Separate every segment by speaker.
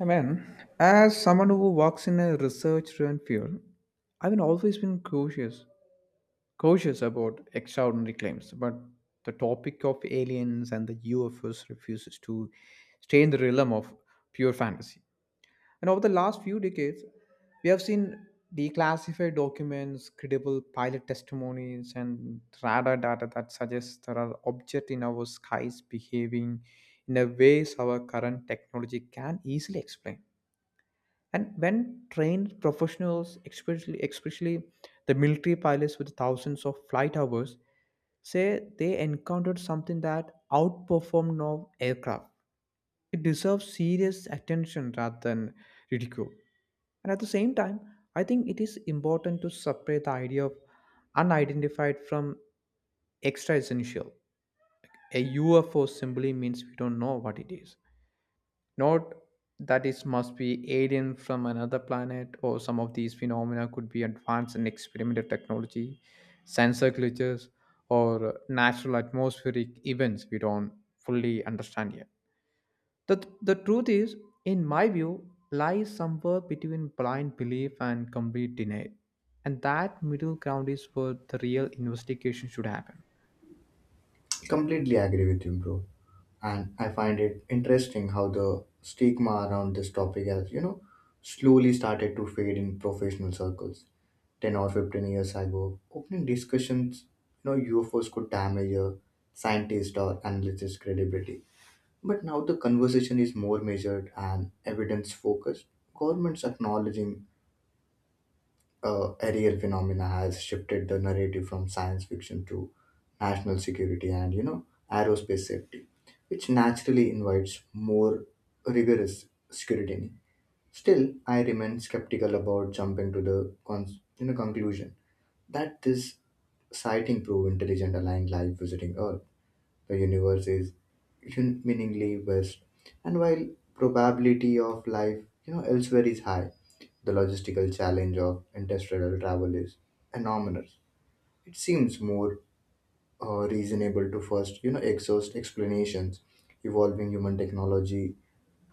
Speaker 1: Amen. As someone who works in a research-driven field, I've been cautious, cautious about extraordinary claims. But the topic of aliens and the UFOs refuses to stay in the realm of pure fantasy. And over the last few decades, we have seen declassified documents, credible pilot testimonies, and radar data that suggests there are objects in our skies behaving in a ways our current technology can easily explain. And when trained professionals, especially the military pilots with thousands of flight hours, say they encountered something that outperformed now aircraft. It deserves serious attention rather than ridicule. And at the same time, I think it is important to separate the idea of unidentified from extra essential. A UFO simply means we don't know what it is. Note that it must be alien from another planet, or some of these phenomena could be advanced in experimental technology, sensor glitches, or natural atmospheric events we don't fully understand yet. The truth is, in my view, lies somewhere between blind belief and complete denial. And that middle ground is where the real investigation should happen.
Speaker 2: Completely agree with you, bro. And I find it interesting how the stigma around this topic has, slowly started to fade in professional circles. 10 or 15 years ago, opening discussions, UFOs could damage a scientist or analyst's credibility. But now the conversation is more measured and evidence focused. Governments acknowledging aerial phenomena has shifted the narrative from science fiction to national security and aerospace safety, which naturally invites more rigorous scrutiny. Still, I remain skeptical about jumping to the conclusion that this sighting prove intelligent aligned life visiting Earth. The universe is meaningly vast, and while probability of life, elsewhere is high, the logistical challenge of interstellar travel is enormous. It seems more reasonable to first, exhaust explanations involving human technology,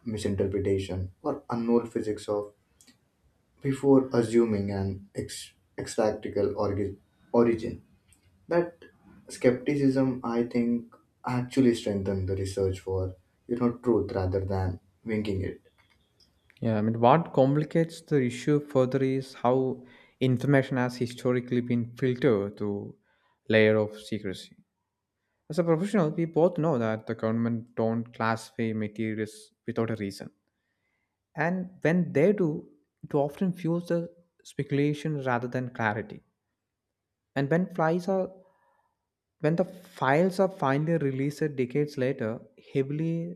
Speaker 2: misinterpretation, or unknown physics of before assuming an extractical origin. That skepticism, I think, actually strengthened the research for truth rather than winging it.
Speaker 1: Yeah, I mean, what complicates the issue further is how information has historically been filtered through layer of secrecy. As a professional, we both know that the government don't classify materials without a reason, and when they do, it often fuels the speculation rather than clarity. And when the files are finally released decades later, heavily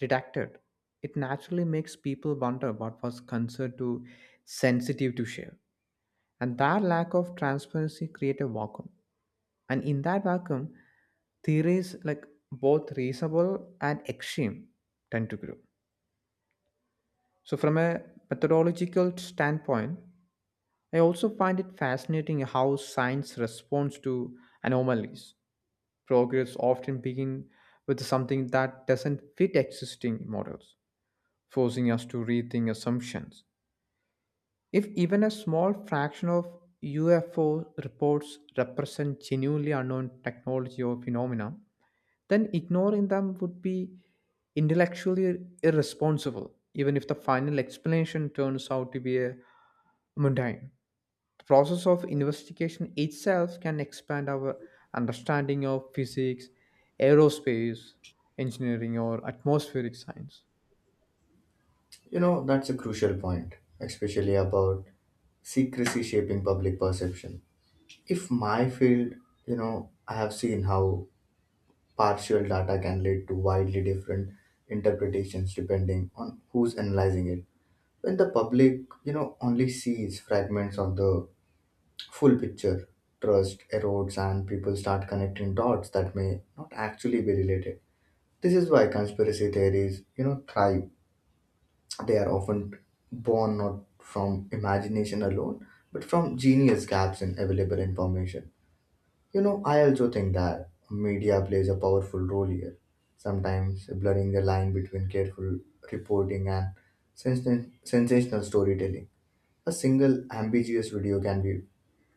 Speaker 1: redacted, it naturally makes people wonder what was considered too sensitive to share. And that lack of transparency creates a vacuum. And in that vacuum, theories like both reasonable and extreme tend to grow. So, from a methodological standpoint, I also find it fascinating how science responds to anomalies. Progress often begins with something that doesn't fit existing models, forcing us to rethink assumptions. If even a small fraction of UFO reports represent genuinely unknown technology or phenomena, then ignoring them would be intellectually irresponsible, even if the final explanation turns out to be a mundane. The process of investigation itself can expand our understanding of physics, aerospace, engineering, or atmospheric science.
Speaker 2: You know, that's a crucial point, especially about secrecy shaping public perception. If my field, I have seen how partial data can lead to widely different interpretations depending on who's analyzing it. When the public, only sees fragments of the full picture. Trust erodes and people start connecting dots that may not actually be related. This is why conspiracy theories, thrive. They are often born not from imagination alone, but from genius gaps in available information. You know, I also think that media plays a powerful role here, sometimes blurring the line between careful reporting and sensational storytelling. A single ambiguous video can be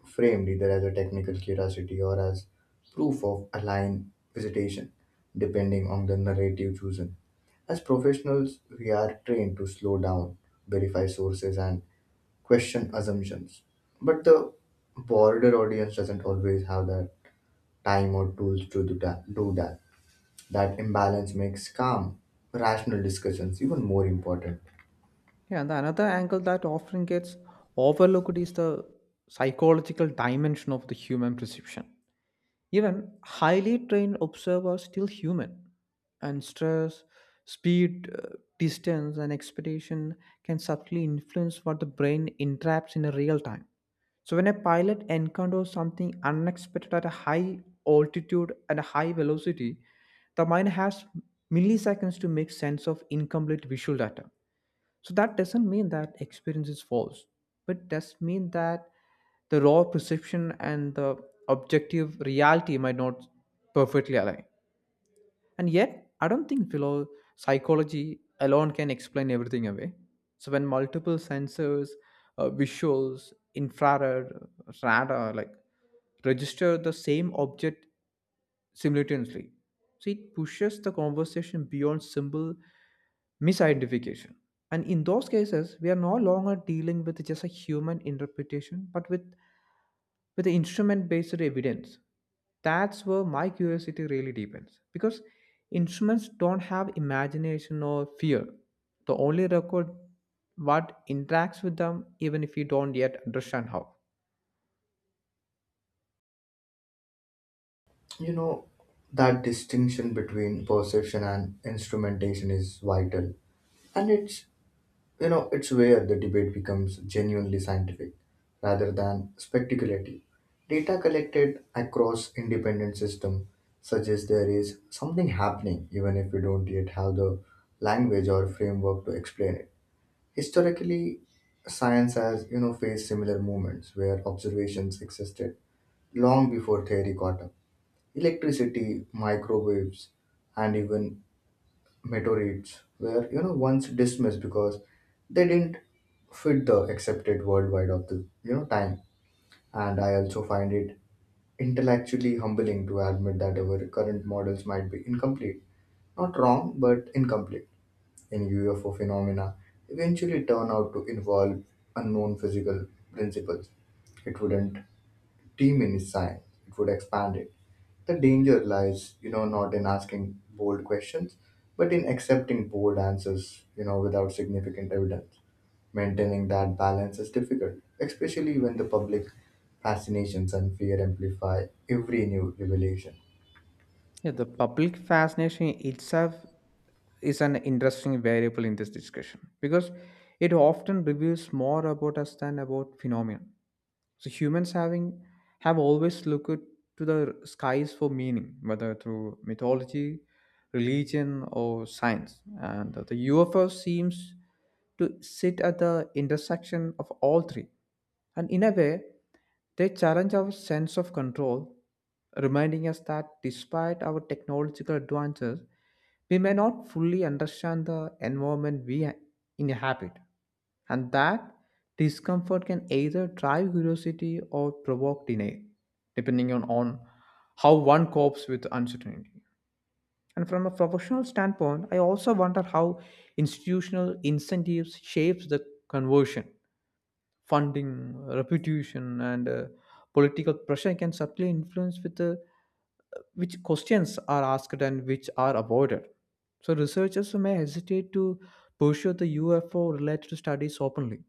Speaker 2: framed either as a technical curiosity or as proof of aligned visitation, depending on the narrative chosen. As professionals, we are trained to slow down, verify sources, and question assumptions. But the broader audience doesn't always have the time or tools to do that. Do that. That imbalance makes calm, rational discussions even more important.
Speaker 1: Yeah, and the another angle that often gets overlooked is the psychological dimension of the human perception. Even highly trained observers still human, and stress, speed, distance, and expectation can subtly influence what the brain entraps in a real time. So when a pilot encounters something unexpected at a high altitude at a high velocity, the mind has milliseconds to make sense of incomplete visual data. So that doesn't mean that experience is false, but does mean that the raw perception and the objective reality might not perfectly align. And yet, I don't think psychology alone can explain everything away. So when multiple sensors, visuals, infrared, radar, like register the same object simultaneously. So it pushes the conversation beyond simple misidentification. And in those cases, we are no longer dealing with just a human interpretation, but with the instrument based evidence. That's where my curiosity really deepens because instruments don't have imagination or fear. They only record what interacts with them, even if we don't yet understand how.
Speaker 2: You know, that distinction between perception and instrumentation is vital, and it's where the debate becomes genuinely scientific rather than speculative. Data collected across independent systems suggests there is something happening even if we don't yet have the language or framework to explain it. Historically, science has, faced similar moments where observations existed long before theory caught up. Electricity, microwaves, and even meteorites were once dismissed because they didn't fit the accepted worldwide of the time. And I also find it intellectually humbling to admit that our current models might be incomplete, not wrong but incomplete. In UFO phenomena eventually turn out to involve unknown physical principles, it wouldn't team in his sign, it would expand it. The danger lies, not in asking bold questions, but in accepting bold answers, without significant evidence. Maintaining that balance is difficult, especially when the public fascinations and fear amplify every new revelation.
Speaker 1: Yeah, the public fascination itself is an interesting variable in this discussion because it often reveals more about us than about phenomena. So humans having have always looked to the skies for meaning, whether through mythology, religion, or science. And the UFO seems to sit at the intersection of all three and in a way, they challenge our sense of control, reminding us that despite our technological advances, we may not fully understand the environment we inhabit, and that discomfort can either drive curiosity or provoke denial, depending on how one copes with uncertainty. And from a professional standpoint, I also wonder how institutional incentives shapes the conversion funding, reputation, and political pressure can subtly influence with which questions are asked and which are avoided. So researchers may hesitate to pursue the UFO-related studies openly,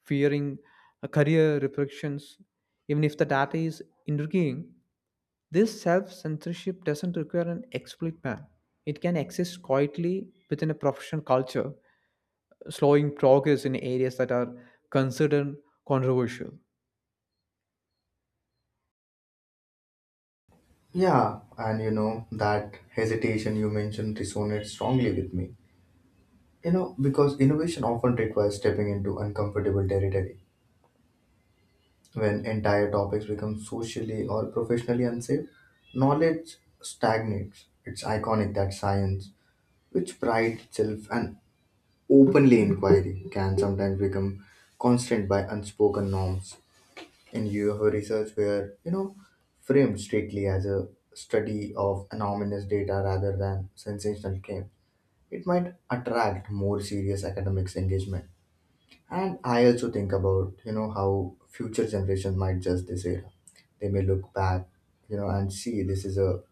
Speaker 1: fearing career repercussions, even if the data is intriguing. This self-censorship doesn't require an explicit ban. It can exist quietly within a professional culture slowing progress in areas that are considered controversial.
Speaker 2: Yeah, and you know, that hesitation you mentioned resonates strongly with me. You know, because innovation often requires stepping into uncomfortable territory. When entire topics become socially or professionally unsafe, knowledge stagnates. It's iconic that science, which prides itself on openly inquiry, can sometimes become constrained by unspoken norms. And you have a research where, framed strictly as a study of anonymous data rather than sensational claims, it might attract more serious academics engagement. And I also think about, how future generations might judge this era. They may look back, and see this is a,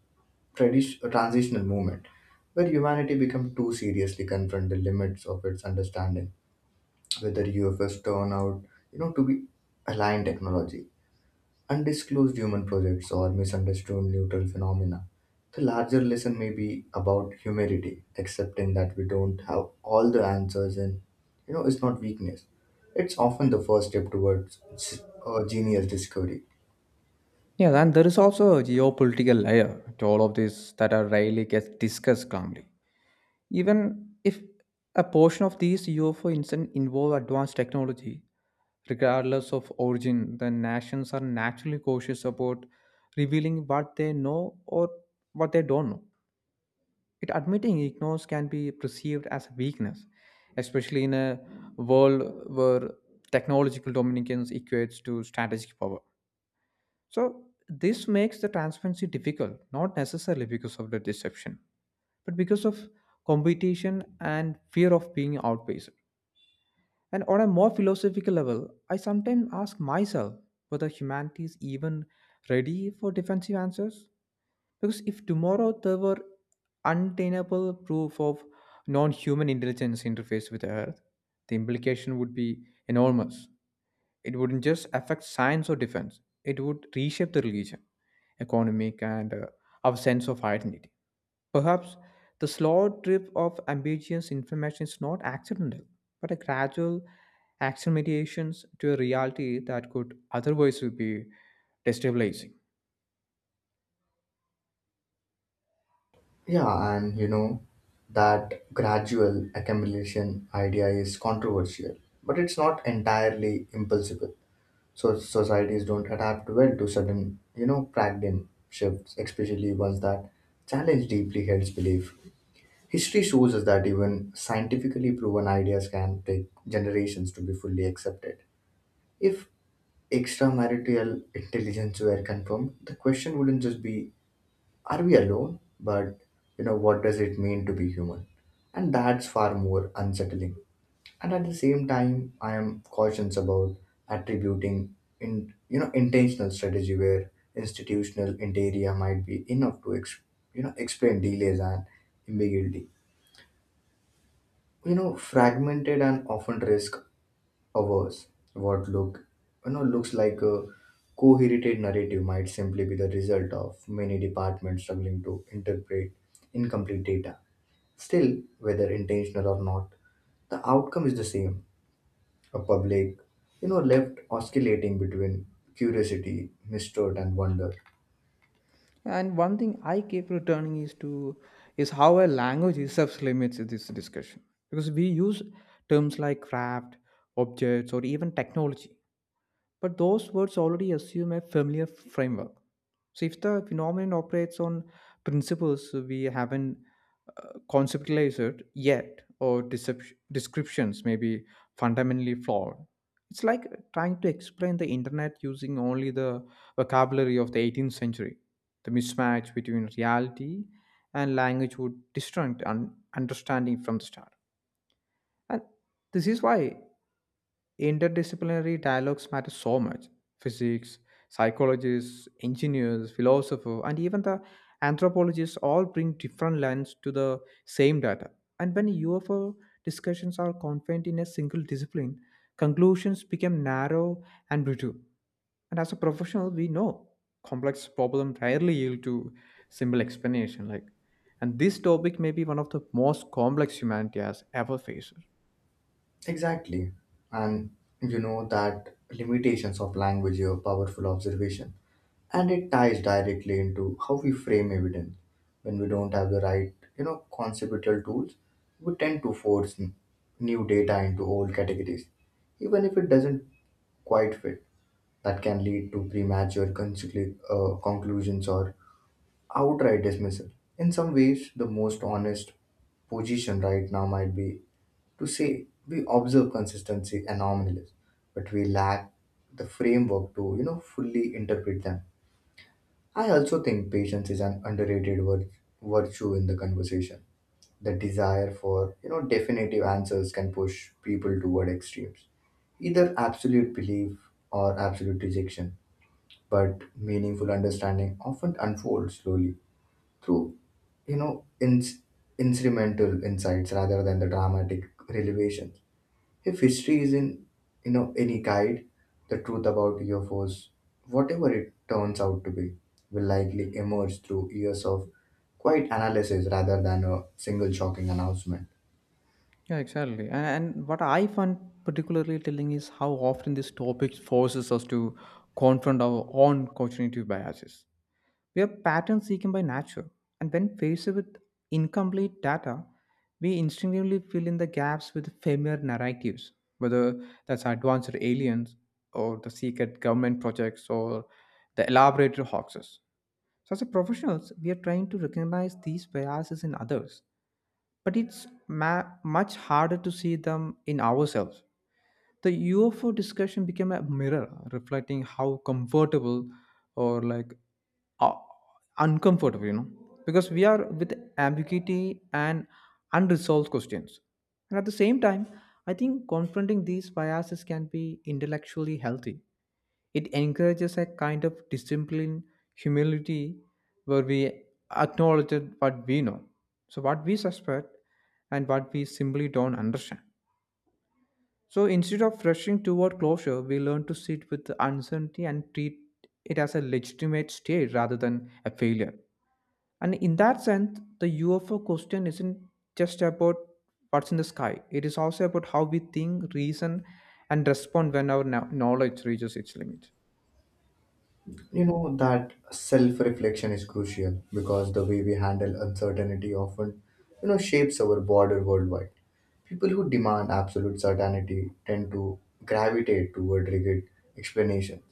Speaker 2: tradition, a transitional moment where humanity become too seriously confront the limits of its understanding, whether U F S turn out, to be aligned technology undisclosed human projects or misunderstood neutral phenomena. The larger lesson may be about humility, accepting that we don't have all the answers, and it's not weakness. It's often the first step towards a genius discovery.
Speaker 1: Yeah, and there is also a geopolitical layer to all of this that are rarely gets discussed calmly. Even if a portion of these UFO incidents involve advanced technology, regardless of origin, the nations are naturally cautious about revealing what they know or what they don't know. It admitting ignorance can be perceived as a weakness, especially in a world where technological dominance equates to strategic power. So this makes the transparency difficult, not necessarily because of the deception, but because of competition and fear of being outpaced. And on a more philosophical level, I sometimes ask myself whether humanity is even ready for defensive answers. Because if tomorrow there were untenable proof of non human intelligence interface with Earth, the implication would be enormous. It wouldn't just affect science or defense, it would reshape the religion, economic, and our sense of identity. Perhaps the slow drip of ambiguous information is not accidental, but a gradual acclimatization to a reality that could otherwise be destabilizing.
Speaker 2: Yeah, and you know that gradual accumulation idea is controversial, but it's not entirely impossible. So societies don't adapt well to sudden, paradigm shifts, especially ones that challenge deeply held belief. History shows us that even scientifically proven ideas can take generations to be fully accepted. If extramarital intelligence were confirmed, the question wouldn't just be, are we alone? But, what does it mean to be human? And that's far more unsettling. And at the same time, I am cautious about attributing in intentional strategy where institutional interior might be enough to ex, you know explain delays and ambiguity. You know, fragmented and often risk averse, what looks like a coherent narrative might simply be the result of many departments struggling to interpret incomplete data. Still, whether intentional or not, the outcome is the same: a public, left oscillating between curiosity, mistrust, and wonder.
Speaker 1: And one thing I keep returning is to is how a language itself limits this discussion because we use terms like craft, objects, or even technology. But those words already assume a familiar framework. So if the phenomenon operates on principles we haven't conceptualized it yet, or descriptions may be fundamentally flawed, it's like trying to explain the internet using only the vocabulary of the 18th century. The mismatch between reality and language would distort understanding from the start. And this is why interdisciplinary dialogues matter so much. Physics, psychologists, engineers, philosophers, and even the anthropologists all bring different lens to the same data. And when UFO discussions are confined in a single discipline, conclusions become narrow and brittle. And as a professional, we know complex problems rarely yield to simple explanation. Like, and this topic may be one of the most complex humanity has ever faced.
Speaker 2: Exactly. And you know that limitations of language are powerful observation. And it ties directly into how we frame evidence. When we don't have the right, conceptual tools, we tend to force new data into old categories, even if it doesn't quite fit. That can lead to premature conclusions or outright dismissal. In some ways, the most honest position right now might be to say we observe consistency anomalies, but we lack the framework to fully interpret them. I also think patience is an underrated virtue in the conversation. The desire for definitive answers can push people toward extremes, either absolute belief or absolute rejection. But meaningful understanding often unfolds slowly through you know ins- incidental insights rather than the dramatic revelations. If history isn't any guide, the truth about UFOs, whatever it turns out to be, will likely emerge through years of quiet analysis rather than a single shocking announcement.
Speaker 1: Yeah, exactly. And what I find particularly telling is how often this topic forces us to confront our own cognitive biases. We are pattern seeking by nature, and when faced with incomplete data, we instinctively fill in the gaps with familiar narratives, whether that's advanced aliens or the secret government projects or the elaborate hoaxes. So, as a professionals, we are trying to recognize these biases in others but it's much harder to see them in ourselves. The UFO discussion became a mirror reflecting how comfortable or like uh, uncomfortable, you know, because we are with ambiguity and unresolved questions. And at the same time, I think confronting these biases can be intellectually healthy. It encourages a kind of discipline, humility, where we acknowledge what we know. So, what we suspect and what we simply don't understand. So instead of rushing toward closure, we learn to sit with the uncertainty and treat it as a legitimate state rather than a failure. And in that sense, the UFO question isn't just about what's in the sky, it is also about how we think, reason, and respond when our knowledge reaches its limit.
Speaker 2: You know that self reflection is crucial because the way we handle uncertainty often, shapes our border worldwide. People who demand absolute certainty tend to gravitate toward rigid explanations,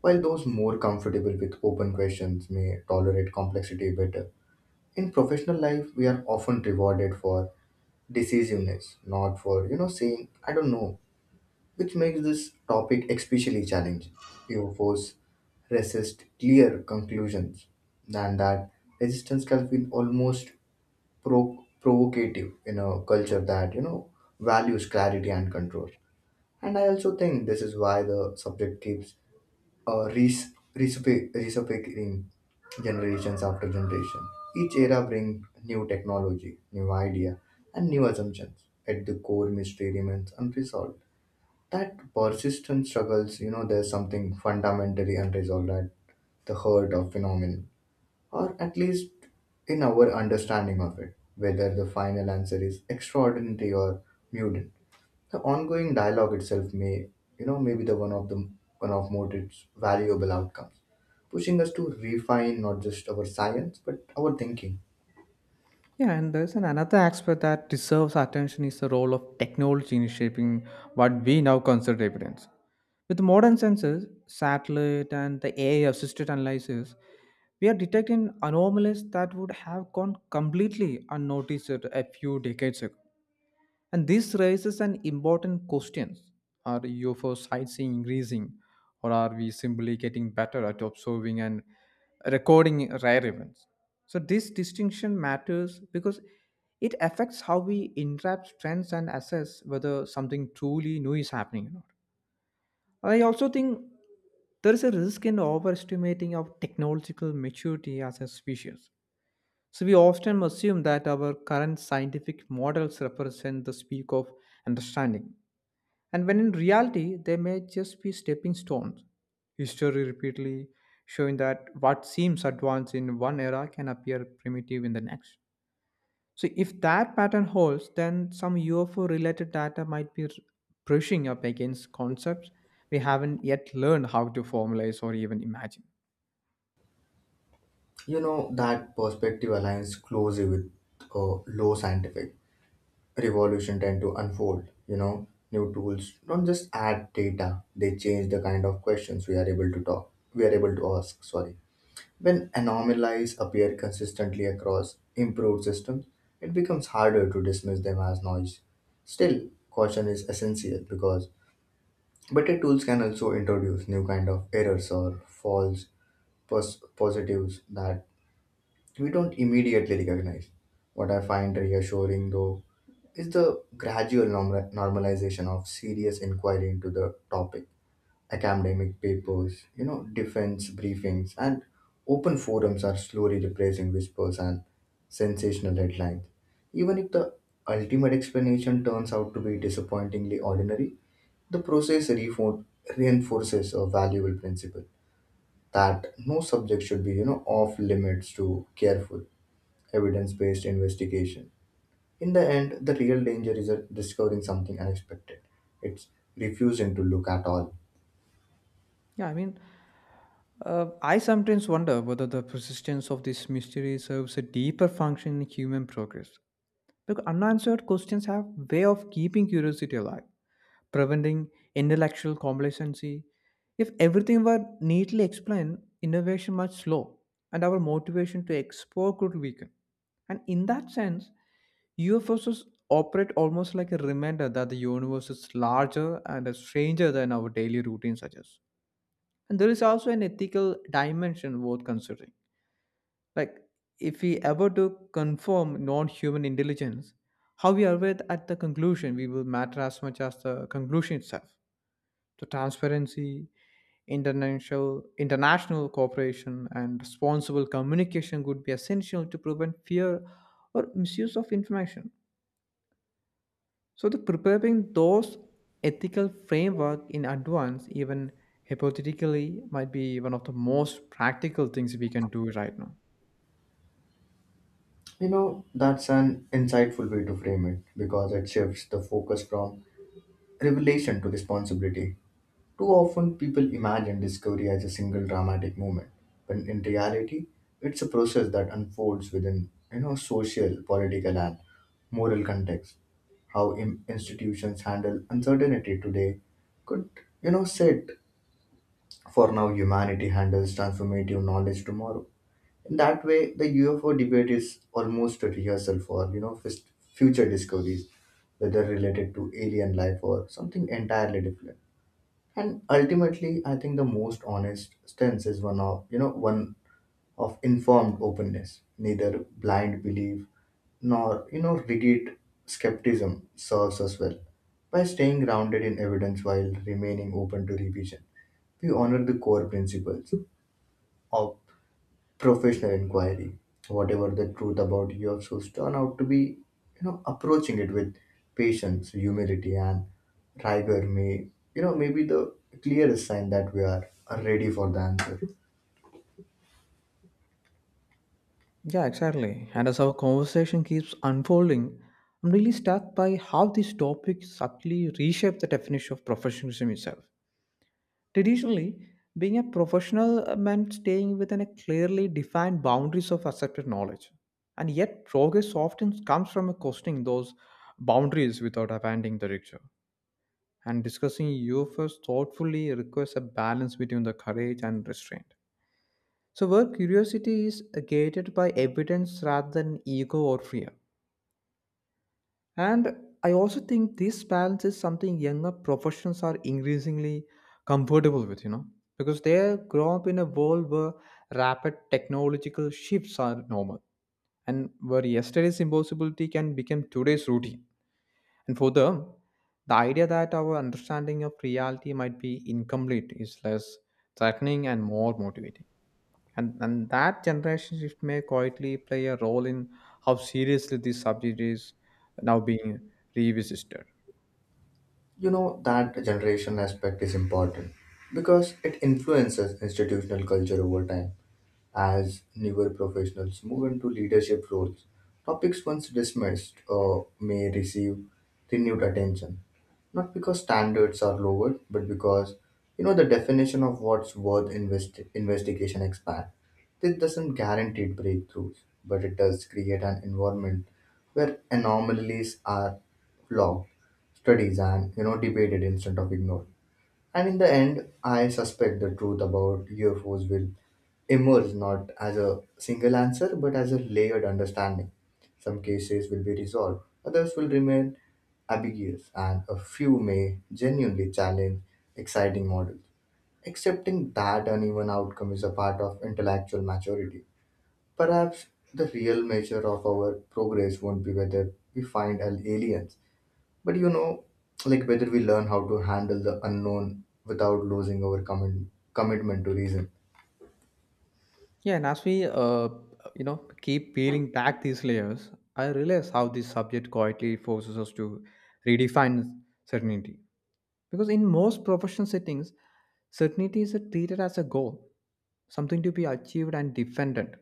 Speaker 2: while those more comfortable with open questions may tolerate complexity better. In professional life, we are often rewarded for decisiveness, not for, saying, I don't know, which makes this topic especially challenging. You force resist clear conclusions, and that resistance can be almost provocative in a culture that values clarity and control. And I also think this is why the subject keeps resurfacing generations after generation. Each era brings new technology, new idea, and new assumptions. At the core, mystery remains unresolved. That persistent struggles, there's something fundamentally unresolved at the heart of phenomenon, or at least in our understanding of it, whether the final answer is extraordinary or mutant. The ongoing dialogue itself may, you know, may be the one of Motit's valuable outcomes, pushing us to refine not just our science but our thinking.
Speaker 1: Yeah, and there's an another aspect that deserves attention is the role of technology in shaping what we now consider evidence. With modern sensors, satellite and the AI assisted analysis, we are detecting anomalies that would have gone completely unnoticed a few decades ago. And this raises an important question. Are UFO sightseeing increasing, or are we simply getting better at observing and recording rare events? So, this distinction matters because it affects how we interpret trends and assess whether something truly new is happening or not. I also think there is a risk in overestimating our technological maturity as a species. So we often assume that our current scientific models represent the peak of understanding, and when in reality they may just be stepping stones. History repeatedly showing that what seems advanced in one era can appear primitive in the next. So if that pattern holds, then some UFO related data might be brushing up against concepts we haven't yet learned how to formalize or even imagine.
Speaker 2: You know that perspective aligns closely with low scientific revolution tend to unfold. You know, new tools don't just add data, they change the kind of questions we are able to talk we are able to ask, sorry. When anomalies appear consistently across improved systems, it becomes harder to dismiss them as noise. Still, caution is essential because better tools can also introduce new kind of errors or false positives that we don't immediately recognize. What I find reassuring, though, is the gradual normalization of serious inquiry into the topic. Academic papers, defense briefings, and open forums are slowly replacing whispers and sensational headlines. Even if the ultimate explanation turns out to be disappointingly ordinary, the process reinforces a valuable principle that no subject should be, off limits to careful evidence based investigation. In the end, the real danger is discovering something unexpected. It's refusing to look at all.
Speaker 1: Yeah, I mean, I sometimes wonder whether the persistence of this mystery serves a deeper function in human progress. Because unanswered questions have way of keeping curiosity alive, preventing intellectual complacency. If everything were neatly explained, innovation might slow, and our motivation to explore could weaken. And in that sense, UFOs operate almost like a reminder that the universe is larger and a stranger than our daily routine suggests. And there is also an ethical dimension worth considering. Like, if we ever do confirm non human intelligence, how we arrive at the conclusion we will matter as much as the conclusion itself. So, transparency, international cooperation, and responsible communication could be essential to prevent fear or misuse of information. So, the preparing those ethical framework in advance, even hypothetically, might be one of the most practical things we can do right now.
Speaker 2: You know, that's an insightful way to frame it because it shifts the focus from revelation to responsibility. Too often, people imagine discovery as a single dramatic moment, when in reality, it's a process that unfolds within, social, political, and moral context. How institutions handle uncertainty today could, set. For now, humanity handles transformative knowledge tomorrow. In that way, the UFO debate is almost a rehearsal for, future discoveries, whether related to alien life or something entirely different. And ultimately, I think the most honest stance is one of, one of informed openness. Neither blind belief nor rigid skepticism serves us well. By staying grounded in evidence while remaining open to revision, we honor the core principles of professional inquiry. Whatever the truth about your source turn out to be, approaching it with patience, humility, and rigor may, maybe the clearest sign that we are ready for the answer.
Speaker 1: Yeah, exactly. And as our conversation keeps unfolding, I'm really struck by how this topic subtly reshapes the definition of professionalism itself. Traditionally, being a professional meant staying within a clearly defined boundaries of accepted knowledge. And yet, progress often comes from questioning those boundaries without abandoning the ritual. And discussing UFOs thoughtfully requires a balance between the courage and restraint. So, where curiosity is gated by evidence rather than ego or fear. And I also think this balance is something younger professions are increasingly comfortable with, you know, because they grow up in a world where rapid technological shifts are normal and where yesterday's impossibility can become today's routine. And further, the idea that our understanding of reality might be incomplete is less threatening and more motivating. And that generation shift may quietly play a role in how seriously this subject is now being revisited.
Speaker 2: You know, that generation aspect is important because it influences institutional culture over time. As newer professionals move into leadership roles, topics once dismissed may receive renewed attention. Not because standards are lowered, but because you know the definition of what's worth investigation expand. This doesn't guarantee breakthroughs, but it does create an environment where anomalies are logged, studies, and you know debated instead of ignored. And in the end, I suspect the truth about UFOs will emerge not as a single answer but as a layered understanding. Some cases will be resolved, others will remain ambiguous, and a few may genuinely challenge exciting models. Accepting that uneven outcome is a part of intellectual maturity. Perhaps the real measure of our progress won't be whether we find aliens but you know, like whether we learn how to handle the unknown without losing our common commitment to reason.
Speaker 1: Yeah, and as we keep peeling back these layers, I realize how this subject quietly forces us to redefine certainty. Because in most professional settings, certainty is treated as a goal, something to be achieved and defended.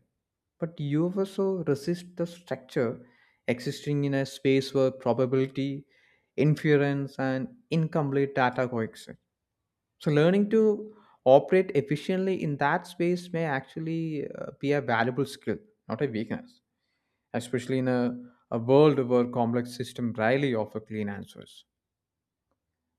Speaker 1: But you also resist the structure existing in a space where probability, inference, and incomplete data coexist. So, learning to operate efficiently in that space may actually be a valuable skill, not a weakness, especially in a world where complex systems rarely offer clean answers.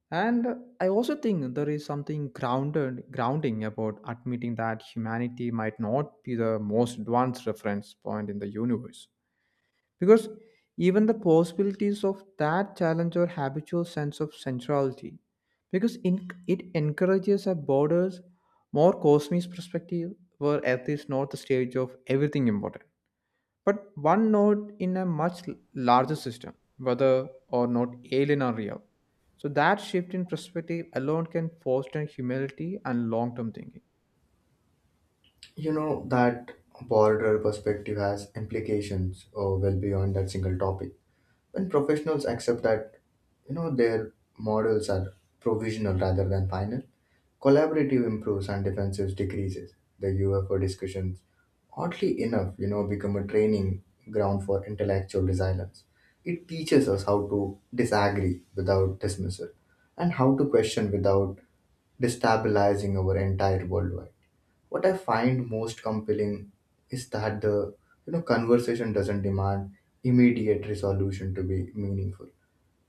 Speaker 1: And I also think there is something grounding about admitting that humanity might not be the most advanced reference point in the universe. Because even the possibilities of that challenge our habitual sense of centrality. It encourages a broader, more cosmic perspective where Earth is not the stage of everything important but one node in a much larger system, whether or not alien or real. So that shift in perspective alone can foster humility and long-term thinking.
Speaker 2: You know, that broader perspective has implications well beyond that single topic. When professionals accept that you know their models are provisional rather than final, collaborative improves and defensive decreases. The UFO discussions, oddly enough, you know, become a training ground for intellectual resilience. It teaches us how to disagree without dismissal and how to question without destabilizing our entire worldwide. What I find most compelling is that the you know conversation doesn't demand immediate resolution to be meaningful.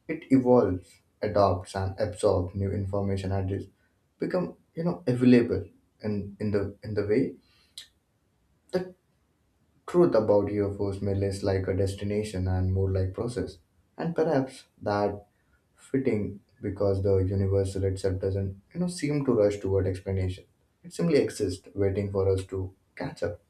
Speaker 2: It evolves, adopts, and absorbs new information and is become you know available in the way the truth about UFOs may less like a destination and more like process. And perhaps that fitting because the universal itself doesn't you know seem to rush toward explanation. It simply exists, waiting for us to catch up.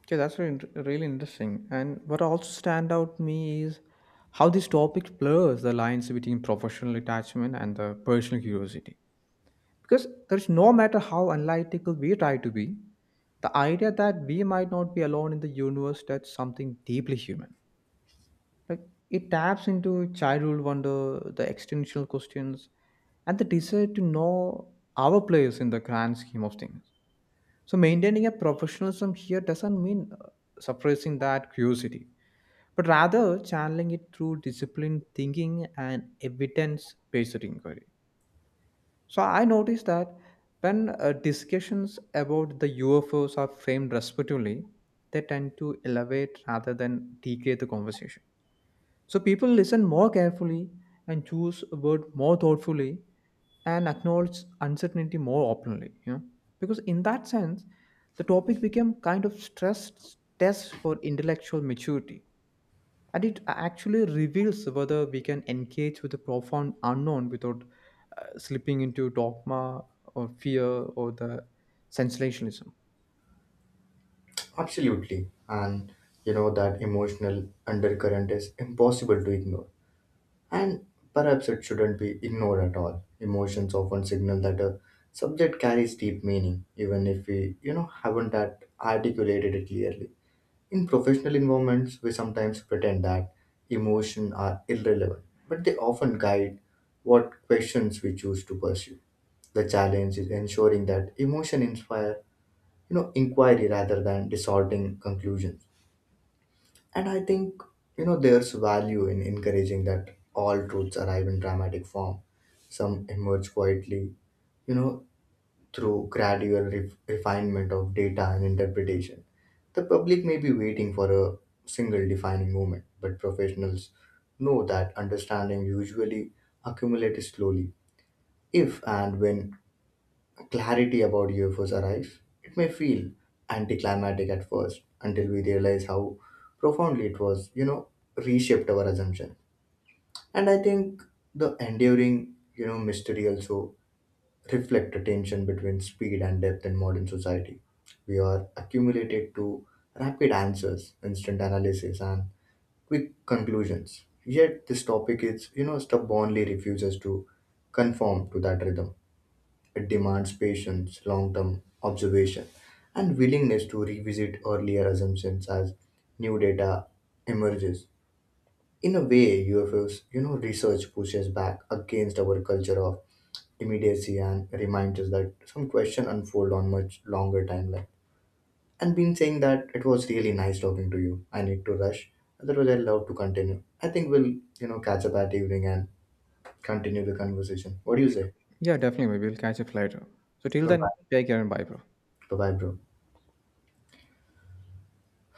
Speaker 1: Okay, that's really interesting. And what also stand out to me is how this topic blurs the lines between professional attachment and the personal curiosity. Because there's no matter how analytical we try to be, the idea that we might not be alone in the universe, that's something deeply human. Like, it taps into childhood wonder, the existential questions, and the desire to know our place in the grand scheme of things. So maintaining a professionalism here doesn't mean suppressing that curiosity, but rather channeling it through disciplined thinking and evidence-based inquiry. So I noticed that when discussions about the UFOs are framed respectively, they tend to elevate rather than degrade the conversation. So people listen more carefully and choose a word more thoughtfully and acknowledge uncertainty more openly, you know. Because in that sense, the topic became kind of stress test for intellectual maturity. And it actually reveals whether we can engage with the profound unknown without slipping into dogma or fear or the sensationalism.
Speaker 2: Absolutely. And you know that emotional undercurrent is impossible to ignore. And perhaps it shouldn't be ignored at all. Emotions often signal that a subject carries deep meaning, even if we, you know, haven't at articulated it clearly. In professional environments, we sometimes pretend that emotions are irrelevant, but they often guide what questions we choose to pursue. The challenge is ensuring that emotion inspire, you know, inquiry rather than distorting conclusions. And I think, you know, there's value in encouraging that all truths arrive in dramatic form. Some emerge quietly, you know, through gradual refinement of data and interpretation. The public may be waiting for a single defining moment, but professionals know that understanding usually accumulates slowly. If and when clarity about UFOs arrives, it may feel anticlimactic at first until we realize how profoundly it was, you know, reshaped our assumption. And I think the enduring, you know, mystery also reflect a tension between speed and depth in modern society. We are accumulated to rapid answers, instant analysis, and quick conclusions. Yet this topic is, you know, stubbornly refuses to conform to that rhythm. It demands patience, long term observation, and willingness to revisit earlier assumptions as new data emerges. In a way, UFOs, you know, research pushes back against our culture of immediacy and reminds us that some questions unfold on much longer timeline. And been saying that it was really nice talking to you. I need to rush. Otherwise, I'd love to continue. I think we'll, you know, catch up at evening and continue the conversation. What do you
Speaker 1: Sure.
Speaker 2: say?
Speaker 1: Yeah, definitely. Maybe we'll catch up later. So till
Speaker 2: Bye
Speaker 1: then,
Speaker 2: bye.
Speaker 1: take care and bye, bro.
Speaker 2: Bye bye, bro.